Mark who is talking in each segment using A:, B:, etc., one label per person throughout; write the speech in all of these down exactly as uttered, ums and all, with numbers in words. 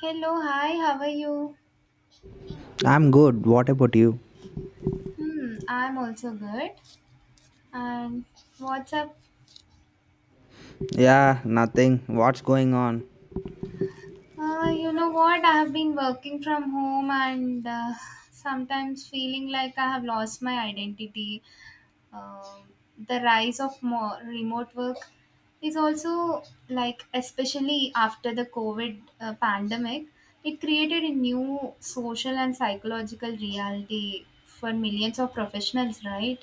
A: Hello, hi, how are you?
B: I'm good. What about you?
A: Hmm, I'm also good. And what's up?
B: Yeah, nothing. What's going on?
A: Uh, you know what? I have been working from home and uh, sometimes feeling like I have lost my identity. um, the rise of more remote work is also like especially after the covid uh, pandemic, it created a new social and psychological reality for millions of professionals, right?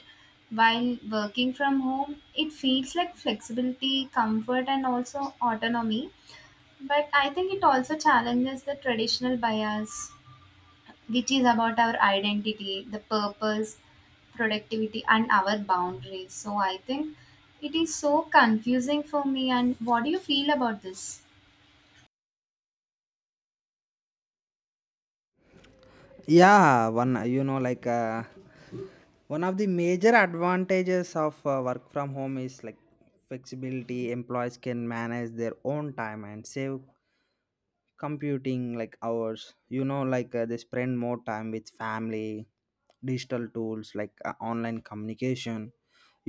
A: While working from home, it feels like flexibility, comfort, and also autonomy, but I think it also challenges the traditional bias which is about our identity, the purpose, productivity, and our boundaries. So I think it is so confusing for me. And what do you feel about this?
B: Yeah, one you know like uh, one of the major advantages of uh, work from home is like flexibility. Employees can manage their own time and save computing like hours you know like uh, They spend more time with family digital tools like uh, online communication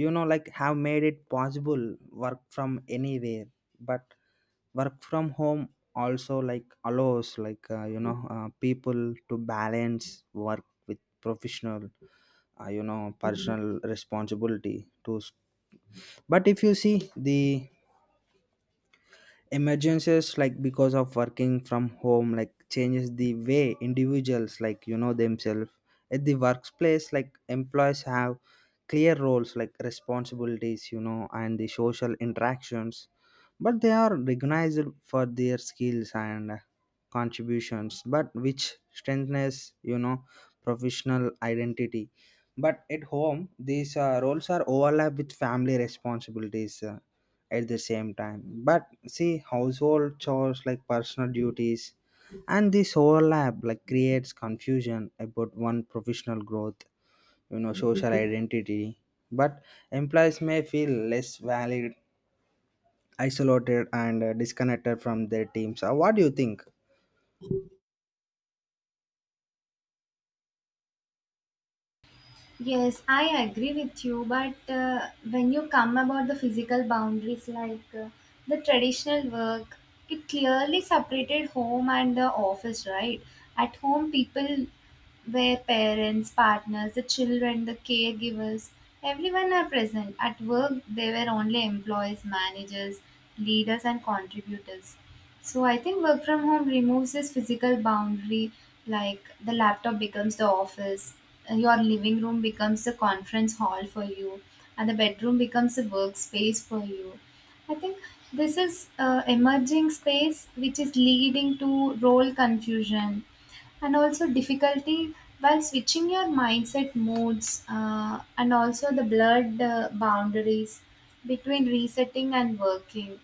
B: you know like have made it possible work from anywhere, but work from home also like allows like uh, you know uh, people to balance work with professional uh, you know personal responsibility to, but if you see the emergencies like because of working from home like changes the way individuals like you know themselves at the workplace like employees have clear roles like responsibilities, you know, and the social interactions, but they are recognized for their skills and contributions but which strengthens, you know, professional identity, but at home these uh, roles are overlap with family responsibilities uh, at the same time, but see household chores like personal duties, and this overlap like creates confusion about one professional growth, you know, social identity, but employees may feel less valid, isolated and uh, disconnected from their teams. Uh, what do you think?
A: Yes, I agree with you. But uh, when you come about the physical boundaries, like uh, the traditional work, it clearly separated home and the office, right? At home, people were parents, partners, the children, the caregivers, everyone are present. At work, they were only employees, managers, leaders, and contributors. So I think work from home removes this physical boundary, like the laptop becomes the office, and your living room becomes the conference hall for you, and the bedroom becomes the workspace for you. I think this is uh, emerging space which is leading to role confusion and also difficulty while switching your mindset modes uh, and also the blurred uh, boundaries between resetting and working,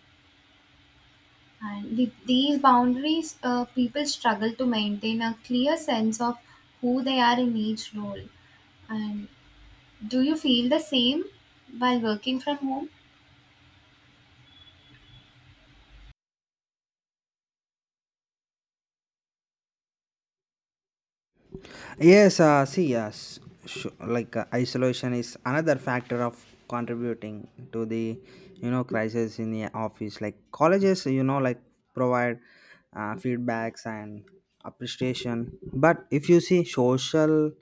A: and with these boundaries, uh, people struggle to maintain a clear sense of who they are in each role. And do you feel the same while working from home?
B: Yes, uh, see, yes, sure. Like uh, isolation is another factor of contributing to the, you know, crisis in the office. Like colleges, you know, like provide uh, feedbacks and appreciation, but if you see social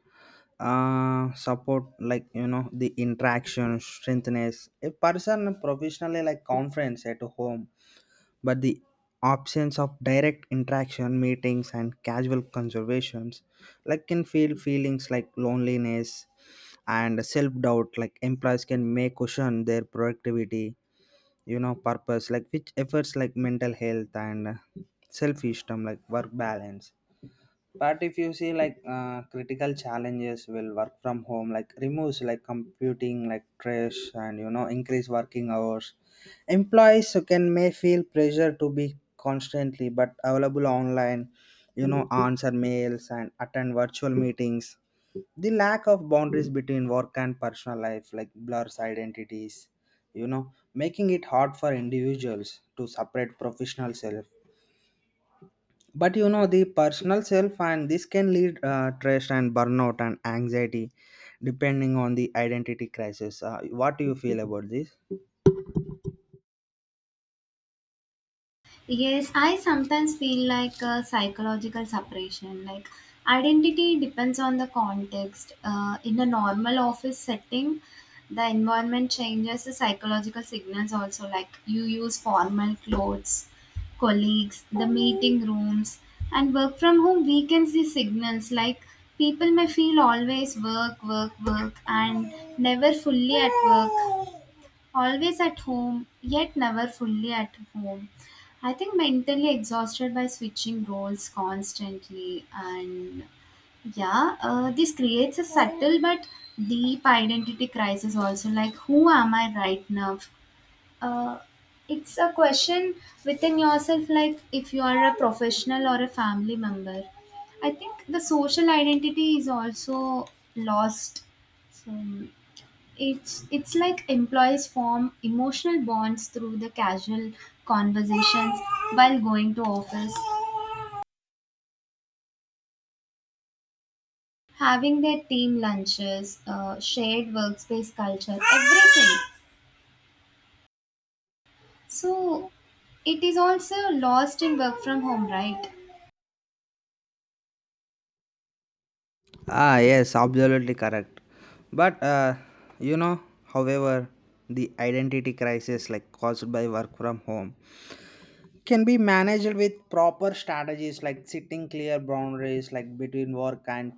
B: uh support like, you know, the interaction strengthens a person professionally like conference at home, but the absence of direct interaction meetings and casual conversations like can feel feelings like loneliness and self-doubt like employees can may question their productivity, you know, purpose like which efforts like mental health and uh, self-esteem like work balance, but if you see like uh, critical challenges will work from home, like removes like computing, like trash, and you know increase working hours. Employees who can may feel pressure to be constantly but available online, you know, answer mails and attend virtual meetings. The lack of boundaries between work and personal life like blurs identities, you know, making it hard for individuals to separate professional self but, you know, the personal self, and this can lead uh, stress and burnout and anxiety depending on the identity crisis. Uh, what do you feel about this?
A: Yes, I sometimes feel like a psychological separation. Like identity depends on the context. Uh, in a normal office setting, the environment changes the psychological signals also. Like you use formal clothes, colleagues, the meeting rooms, and work from home weakens the signals. Like people may feel always work, work, work, and never fully at work. Always at home, yet never fully at home. I think mentally exhausted by switching roles constantly. And yeah, uh, this creates a subtle but deep identity crisis also. Like, who am I right now? Uh, it's a question within yourself, like if you are a professional or a family member. I think the social identity is also lost. So it's it's like employees form emotional bonds through the casual conversations while going to office, having their team lunches, uh, shared workspace culture, everything. So it is also lost in work from home, right?
B: Ah yes, absolutely correct, but uh, you know, however, the identity crisis like caused by work from home can be managed with proper strategies like setting clear boundaries like between work and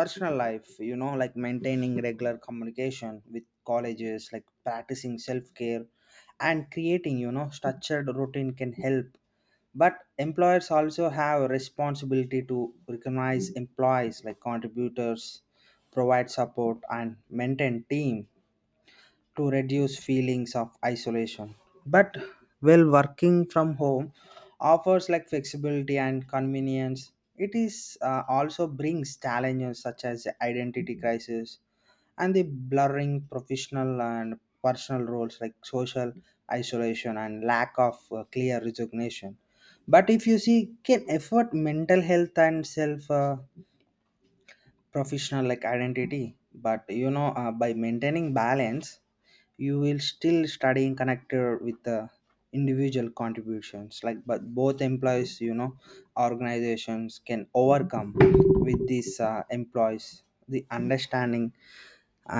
B: personal life, you know, like maintaining regular communication with colleges like practicing self-care and creating, you know, structured routine can help, but employers also have a responsibility to recognize employees like contributors, provide support and maintain team to reduce feelings of isolation, but while working from home offers like flexibility and convenience it is uh, also brings challenges such as identity crisis and the blurring professional and personal roles like social isolation and lack of uh, clear resignation, but if you see can effort mental health and self uh, professional like identity, but you know uh, by maintaining balance you will still study and connect uh, with the individual contributions like, but both employees, you know, organizations can overcome with these uh, employees the understanding,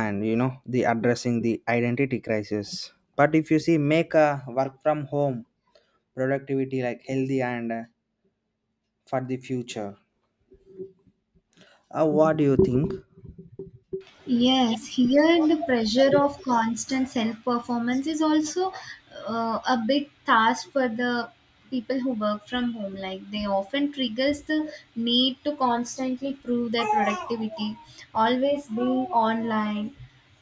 B: and you know the addressing the identity crisis, but if you see make a work from home productivity like healthy and uh, for the future. Uh, what do you think?
A: Yes, here the pressure of constant self performance is also uh, a big task for the people who work from home. Like they often triggers the need to constantly prove their productivity, always being online,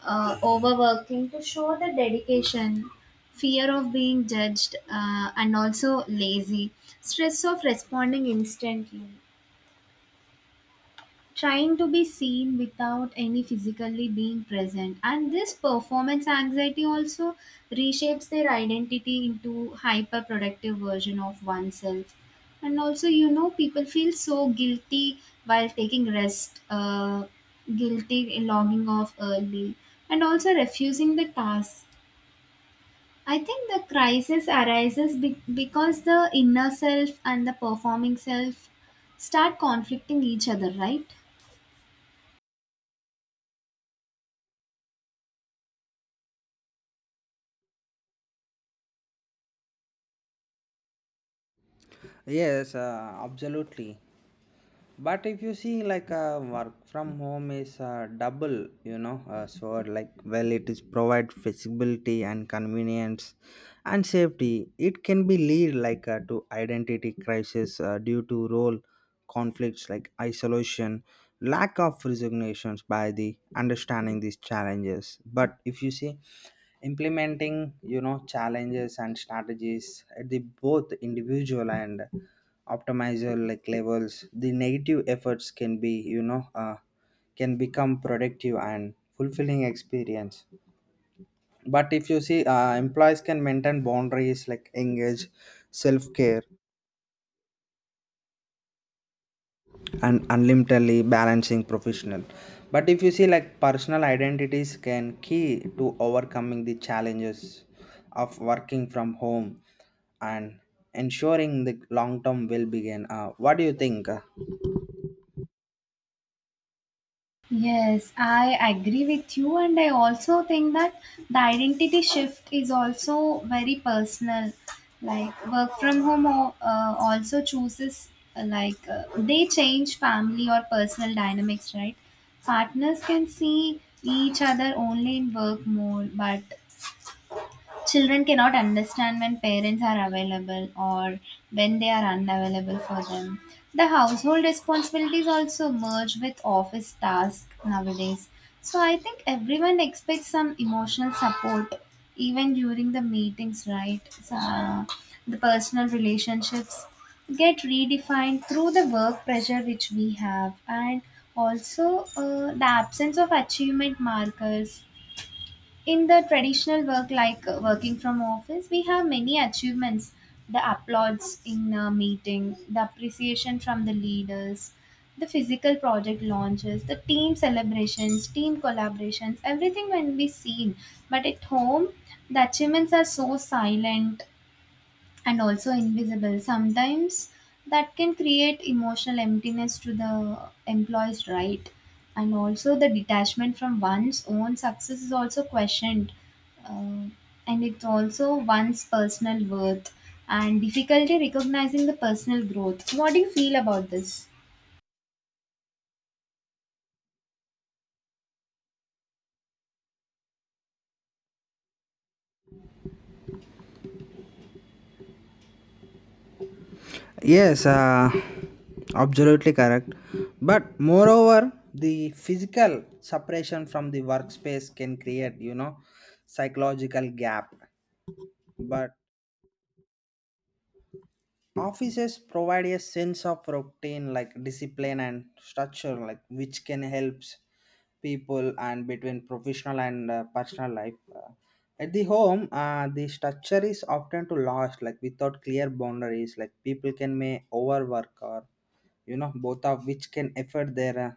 A: uh, overworking to show the dedication, fear of being judged, uh, and also lazy, stress of responding instantly, trying to be seen without any physically being present, and this performance anxiety also reshapes their identity into hyper productive version of oneself. And also you know people feel so guilty while taking rest, uh, guilty in logging off early and also refusing the task. I think the crisis arises be- because the inner self and the performing self start conflicting each other, right?
B: Yes, uh, absolutely, but if you see like uh, work from home is uh, double, you know uh, so like well it is provide flexibility and convenience and safety, it can be lead like uh, to identity crisis uh, due to role conflicts like isolation, lack of resignations by the understanding these challenges, but if you see implementing, you know, challenges and strategies at the both individual and optimizer like levels the negative efforts can be, you know uh, can become productive and fulfilling experience, but if you see uh, employees can maintain boundaries like engage self-care and unlimitedly balancing professional, but if you see like personal identities can key to overcoming the challenges of working from home and ensuring the long term will begin. Uh, what do you think?
A: Yes, I agree with you, and I also think that the identity shift is also very personal. Like work from home o- uh, also chooses uh, like uh, they change family or personal dynamics, right? Partners can see each other only in work mode, but children cannot understand when parents are available or when they are unavailable for them. The household responsibilities also merge with office tasks nowadays. So I think everyone expects some emotional support even during the meetings, right? So, uh, the personal relationships get redefined through the work pressure which we have, and also uh, the absence of achievement markers in the traditional work, like uh, working from office we have many achievements, the applauds in a meeting, the appreciation from the leaders, the physical project launches, the team celebrations, team collaborations, everything can be seen. But at home the achievements are so silent and also invisible sometimes, that can create emotional emptiness to the employees, right? And also the detachment from one's own success is also questioned, uh, and it's also one's personal worth and difficulty recognizing the personal growth. What do you feel about this?
B: Yes, uh, absolutely correct, but moreover the physical separation from the workspace can create, you know, psychological gap, but offices provide a sense of routine like discipline and structure like which can help people and between professional and uh, personal life. Uh, at the home uh, the structure is often to lost like without clear boundaries like people can may overwork or, you know, both of which can affect their uh,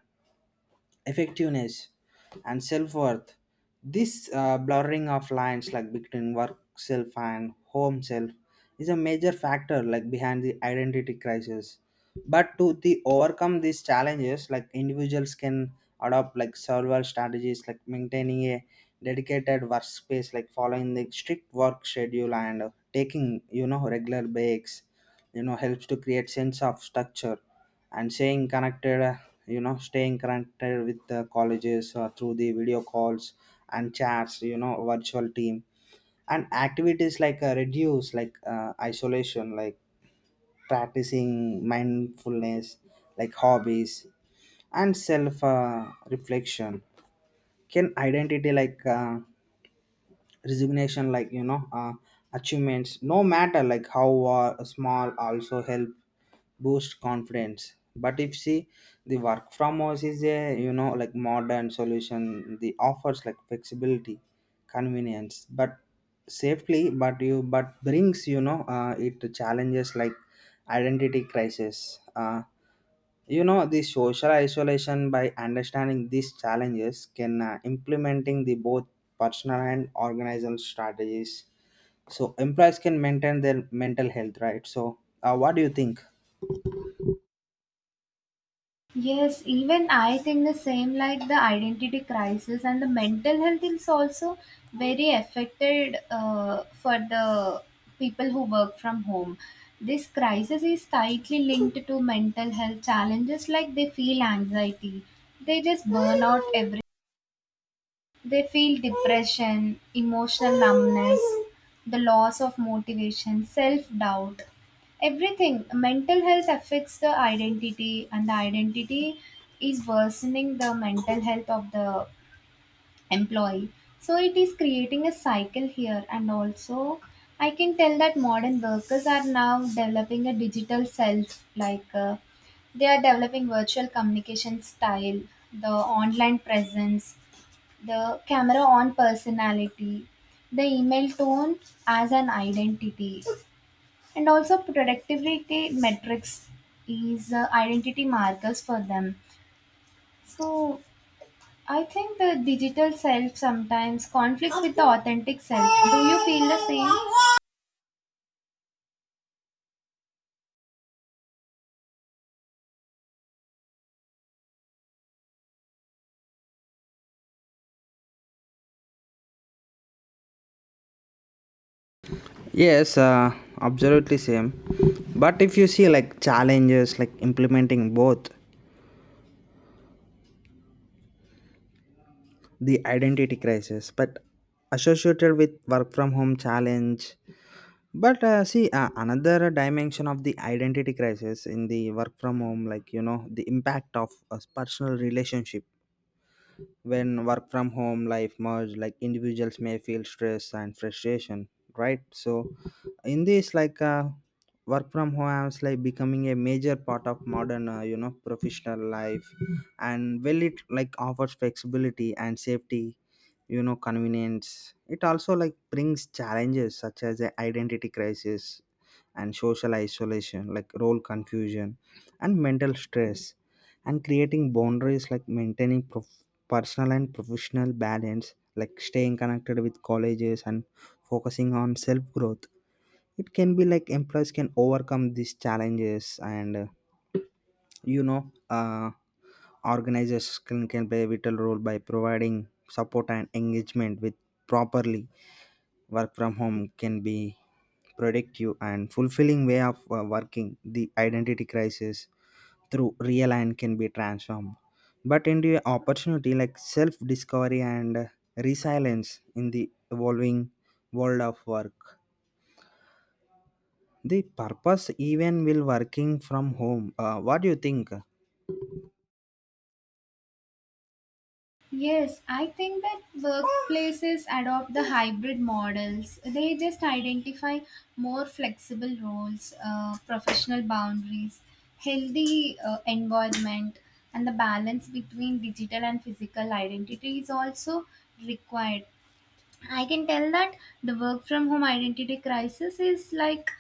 B: effectiveness and self-worth. This uh, blurring of lines like between work self and home self is a major factor like behind the identity crisis, but to the overcome these challenges like individuals can adopt like several strategies like maintaining a dedicated workspace like following the strict work schedule and uh, taking, you know, regular breaks, you know, helps to create sense of structure, and staying connected uh, you know staying connected with the colleges uh, through the video calls and chats, you know, virtual team and activities like uh, reduce like uh, isolation, like practicing mindfulness like hobbies and self uh, reflection can identity like uh, resignation, like you know uh, achievements no matter like how uh, small also help boost confidence, but if see the work from house is a, you know, like modern solution the offers like flexibility, convenience, but safely but you but brings, you know uh, it challenges like identity crisis. Uh, you know the social isolation by understanding these challenges can uh, implementing the both personal and organizational strategies, so employees can maintain their mental health, right? So uh, what do you think?
A: Yes, even I think the same, like the identity crisis and the mental health is also very affected uh, for the people who work from home. This crisis is tightly linked to mental health challenges, like they feel anxiety, they just burn out every, they feel depression, emotional numbness, the loss of motivation, self doubt, everything. Mental health affects the identity, and the identity is worsening the mental health of the employee. So, it is creating a cycle here, and also. I can tell that modern workers are now developing a digital self, like uh, they are developing virtual communication style, the online presence, the camera on personality, the email tone as an identity, and also productivity metrics is uh, identity markers for them. So I think the digital self sometimes conflicts with the authentic self. Do you feel the same?
B: Yes, uh, absolutely same, but if you see like challenges like implementing both the identity crisis but associated with work from home challenge, but uh, see uh, another dimension of the identity crisis in the work from home like, you know, the impact of a personal relationship when work from home life merge like individuals may feel stress and frustration, right? So in this like uh, work from home is like becoming a major part of modern uh, you know professional life, and well it like offers flexibility and safety, you know, convenience, it also like brings challenges such as a identity crisis and social isolation like role confusion and mental stress, and creating boundaries like maintaining personal and professional balance like staying connected with colleges and focusing on self growth, it can be like employees can overcome these challenges, and uh, you know uh, organizers can, can play a vital role by providing support and engagement with properly work from home can be productive and fulfilling way of uh, working the identity crisis through real and can be transformed but into a opportunity like self discovery and uh, resilience in the evolving world of work the purpose even will working from home. Uh, what do you think?
A: Yes, I think that workplaces adopt the hybrid models. They just identify more flexible roles, uh, professional boundaries, healthy uh, environment, and the balance between digital and physical identity is also required. I can tell that the work from home identity crisis is like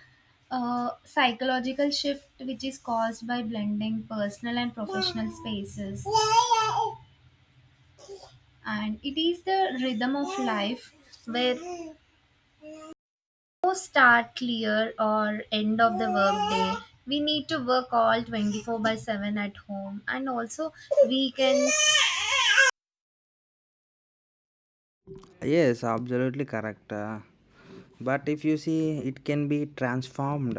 A: a psychological shift which is caused by blending personal and professional spaces, and it is the rhythm of life where no start clear or end of the workday. We need to work all twenty-four by seven at home and also weekends.
B: Yes, absolutely correct. Uh, but if you see, it can be transformed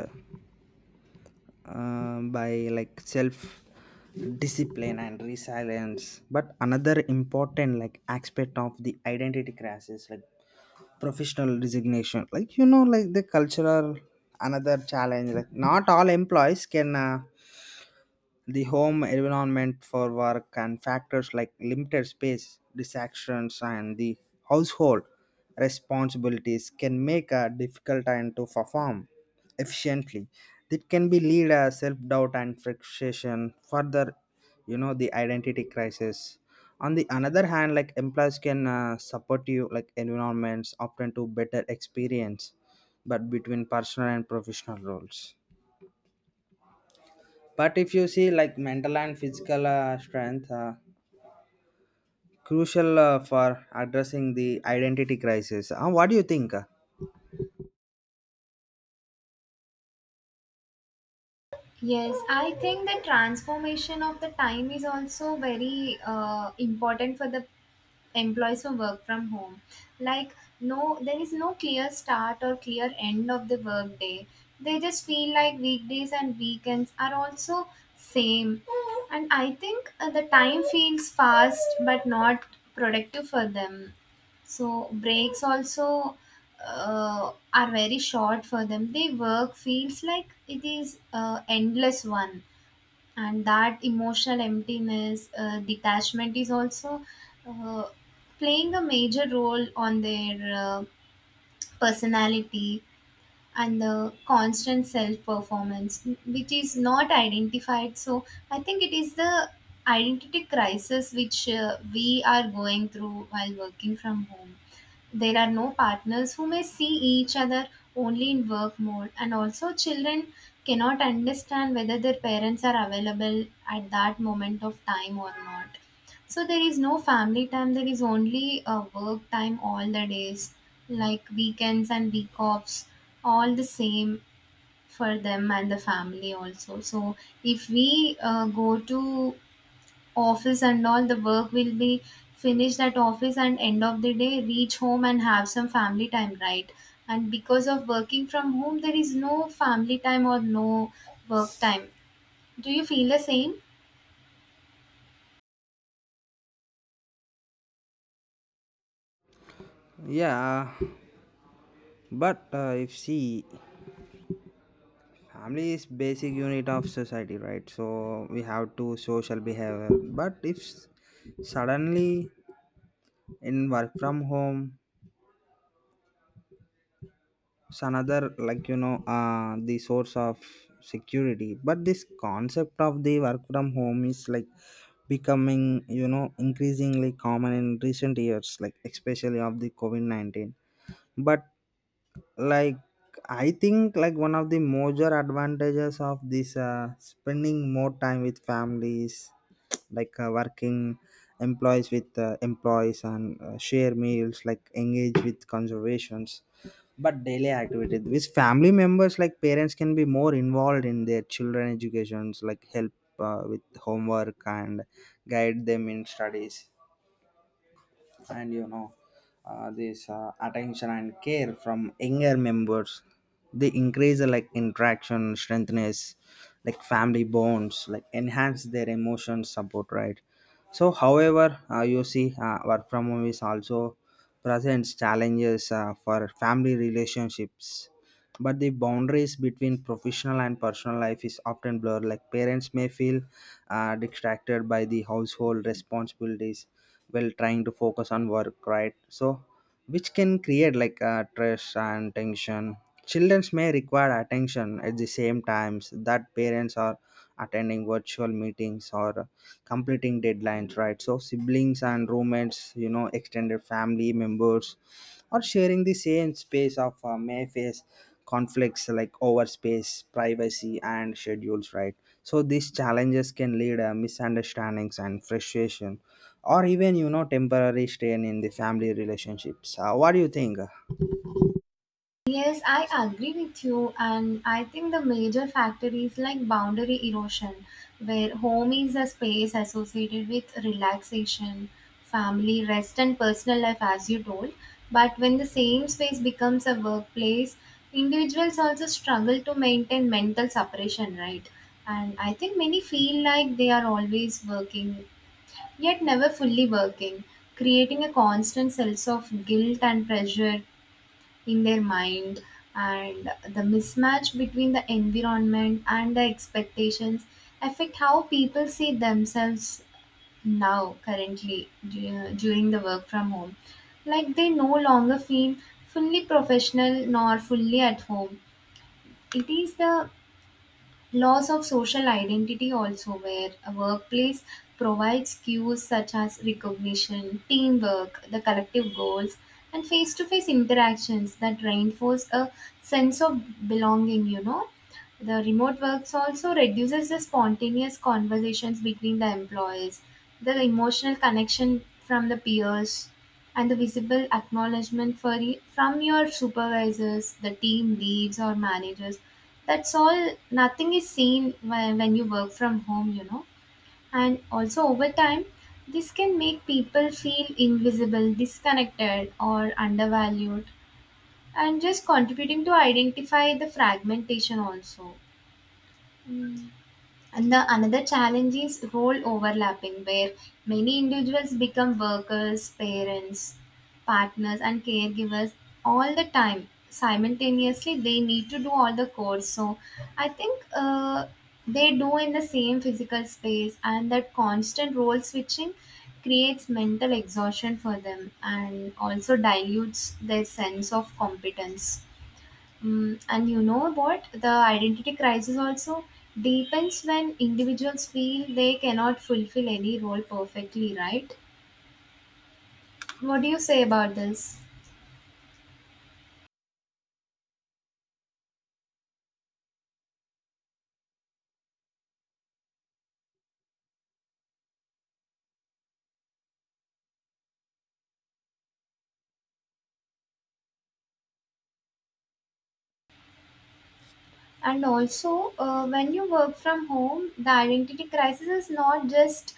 B: uh, by like self discipline and resilience, but another important like aspect of the identity crisis like professional resignation like, you know, like the cultural another challenge like not all employees can uh, the home environment for work, and factors like limited space, distractions, and the household responsibilities can make a difficult time to perform efficiently. It can be lead a self doubt and frustration. Further, you know the identity crisis. On the another hand, like employees can uh, support you like environments often to better experience, but between personal and professional roles, but if you see like mental and physical uh, strength, uh, crucial uh, for addressing the identity crisis. Uh, what do you think?
A: Yes, I think the transformation of the time is also very uh, important for the employees who work from home, like no, there is no clear start or clear end of the work day. They just feel like weekdays and weekends are also same, and I think uh, the time feels fast but not productive for them. So breaks also uh, are very short for them, they work feels like it is uh, endless one. And that emotional emptiness, uh, detachment is also uh, playing a major role on their uh, personality, and the constant self performance which is not identified. So I think it is the identity crisis which uh, we are going through while working from home. There are no partners who may see each other only in work mode, and also children cannot understand whether their parents are available at that moment of time or not. So there is no family time, there is only a work time all the days, like weekends and week offs, all the same for them and the family also. So if we uh, go to office and all the work will be finished at office and end of the day reach home and have some family time, right? And because of working from home there is no family time or no work time. Do you feel the same?
B: Yeah, but uh, if see, family is basic unit of society, right? So we have to social behavior. But if s- suddenly in work from home it's another like, you know uh, the source of security, but this concept of the work from home is like becoming, you know, increasingly common in recent years like especially of the covid nineteen, but like I think like one of the major advantages of this uh, spending more time with families like uh, working employees with uh, employees and uh, share meals like engage with conservations, but daily activities with family members like parents can be more involved in their children educations like help uh, with homework and guide them in studies, and you know uh, this uh, attention and care from younger members they increase uh, like interaction strengthness like family bonds like enhance their emotion support, right? So however uh, you see uh, work from home is also presents challenges uh, for family relationships, but the boundaries between professional and personal life is often blurred like parents may feel uh, distracted by the household responsibilities while trying to focus on work, right? So which can create like uh, stress and tension, children may require attention at the same times that parents are attending virtual meetings or completing deadlines, right? So siblings and roommates, you know, extended family members or sharing the same space of uh, may face conflicts like over space, privacy and schedules, right? So these challenges can lead uh, misunderstandings and frustration, or even, you know, temporary strain in the family relationships. Uh, what do you think?
A: Yes, I agree with you, and I think the major factor is like boundary erosion, where home is a space associated with relaxation, family, rest, and personal life, as you told. But when the same space becomes a workplace, individuals also struggle to maintain mental separation, right? And I think many feel like they are always working, yet never fully working, creating a constant sense of guilt and pressure in their mind, and the mismatch between the environment and the expectations affect how people see themselves now currently du- during the work from home, like they no longer feel fully professional nor fully at home. It is the loss of social identity also, where a workplace provides cues such as recognition, teamwork, the collective goals, and face to face interactions that reinforce a sense of belonging, you know. The remote works also reduces the spontaneous conversations between the employees, the emotional connection from the peers, and the visible acknowledgement for y- from your supervisors, the team leads or managers. That's all. Nothing is seen when, when you work from home, you know. And also over time, this can make people feel invisible, disconnected, or undervalued, and just contributing to identify the fragmentation also. And the another challenge is role overlapping, where many individuals become workers, parents, partners, and caregivers all the time. Simultaneously, they need to do all the chores. So, I think uh, they do in the same physical space, and that constant role switching creates mental exhaustion for them and also dilutes their sense of competence. Mm, and you know what? The identity crisis also deepens when individuals feel they cannot fulfill any role perfectly, right? What do you say about this? And also, uh, when you work from home, the identity crisis is not just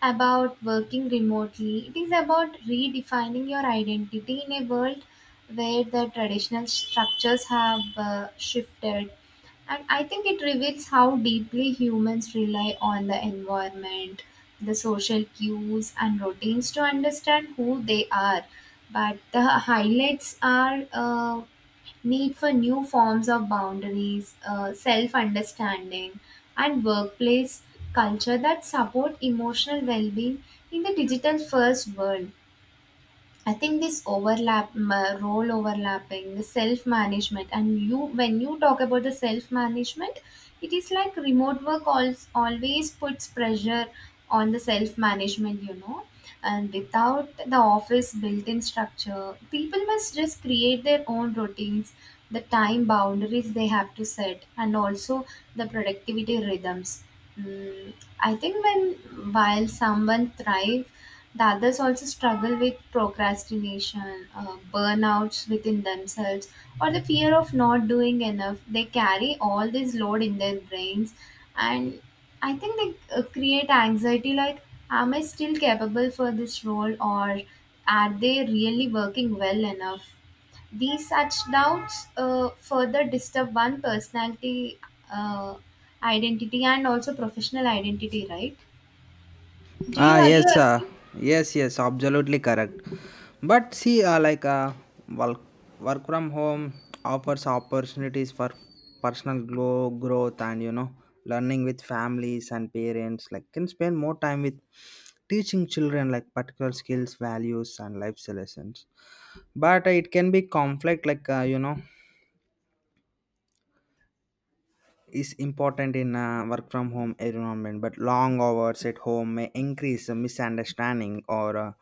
A: about working remotely, it is about redefining your identity in a world where the traditional structures have uh, shifted. And I think it reveals how deeply humans rely on the environment, the social cues, and routines to understand who they are. But the highlights are uh, need for new forms of boundaries, uh, self understanding, and workplace culture that support emotional well being in the digital first world. I think this overlap, m- uh, role overlapping, self management, and you, when you talk about the self management, it is like remote work als always puts pressure on the self management, you know. And without the office built in structure, people must just create their own routines, the time boundaries they have to set, and also the productivity rhythms. Mm, I think when while someone thrives, the others also struggle with procrastination, uh, burnouts within themselves, or the fear of not doing enough. They carry all this load in their brains, and I think they uh, create anxiety like, am I still capable for this role, or are they really working well enough? These such doubts uh, further disturb one personality uh, identity and also professional identity, right? Do you
B: Ah yes.
A: agree?
B: Yeah. uh, yes yes absolutely correct, but see uh, like uh, work, work from home offers opportunities for personal grow, growth and, you know, learning with families, and parents like can spend more time with teaching children like particular skills, values and life lessons, but uh, it can be conflict like, uh, you know, is important in a work from home environment, but long hours at home may increase the misunderstanding or uh,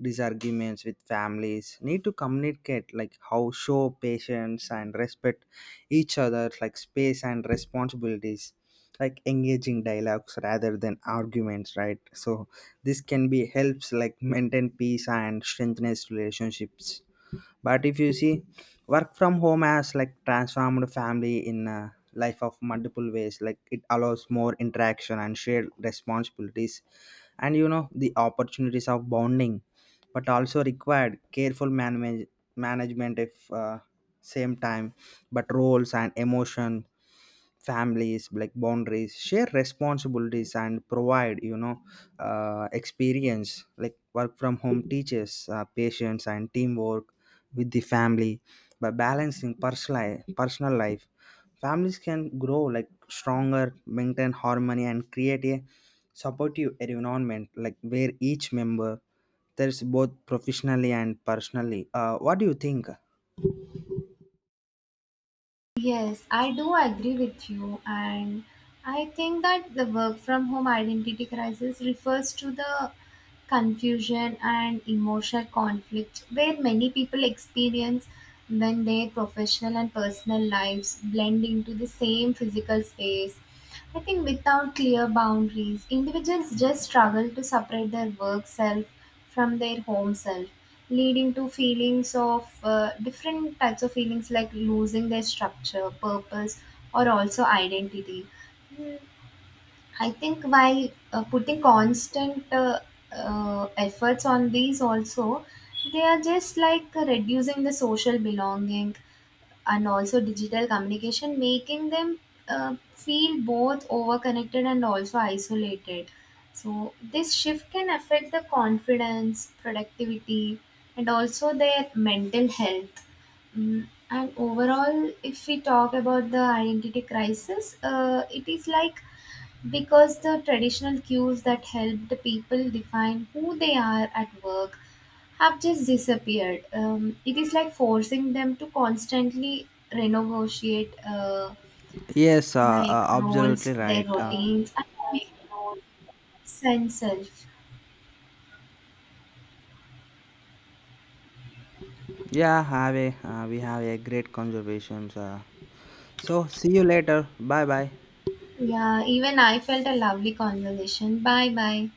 B: disagreements with families, need to communicate like how show patience and respect each other like space and responsibilities like engaging dialogues rather than arguments, right? So this can be helps like maintain peace and strengthens relationships, but if you see work from home has like transformed family in uh, life of multiple ways like it allows more interaction and shared responsibilities, and, you know, the opportunities of bonding, but also required careful manage- management if uh, same time, but roles and emotion families like boundaries, share responsibilities and provide, you know uh, experience like work from home teaches uh, patience and teamwork with the family by balancing personal personal life, families can grow like stronger, maintain harmony and create a supportive environment like where each member there's both professionally and personally. Uh, what do you think?
A: Yes, I do agree with you, and I think that the work from home identity crisis refers to the confusion and emotional conflict where many people experience when their professional and personal lives blend into the same physical space. I think without clear boundaries, individuals just struggle to separate their work self from their home self, leading to feelings of uh, different types of feelings like losing their structure, purpose, or also identity. Mm, I think while uh, putting constant uh, uh, efforts on these, also, they are just like reducing the social belonging and also digital communication, making them uh, feel both overconnected and also isolated. So, this shift can affect the confidence, productivity, and also their mental health. Mm, and overall, if we talk about the identity crisis, uh, it is like because the traditional cues that helped the people define who they are at work have just disappeared. Um, it is like forcing them to constantly renegotiate uh,
B: Yes, uh,
A: like
B: uh,
A: roles,
B: absolutely
A: their
B: right. Uh,
A: routines, and also sense self.
B: yeah, have a, uh, we have a great conversations. Uh, so see you later. Bye bye.
A: Yeah, even I felt a lovely conversation. Bye bye.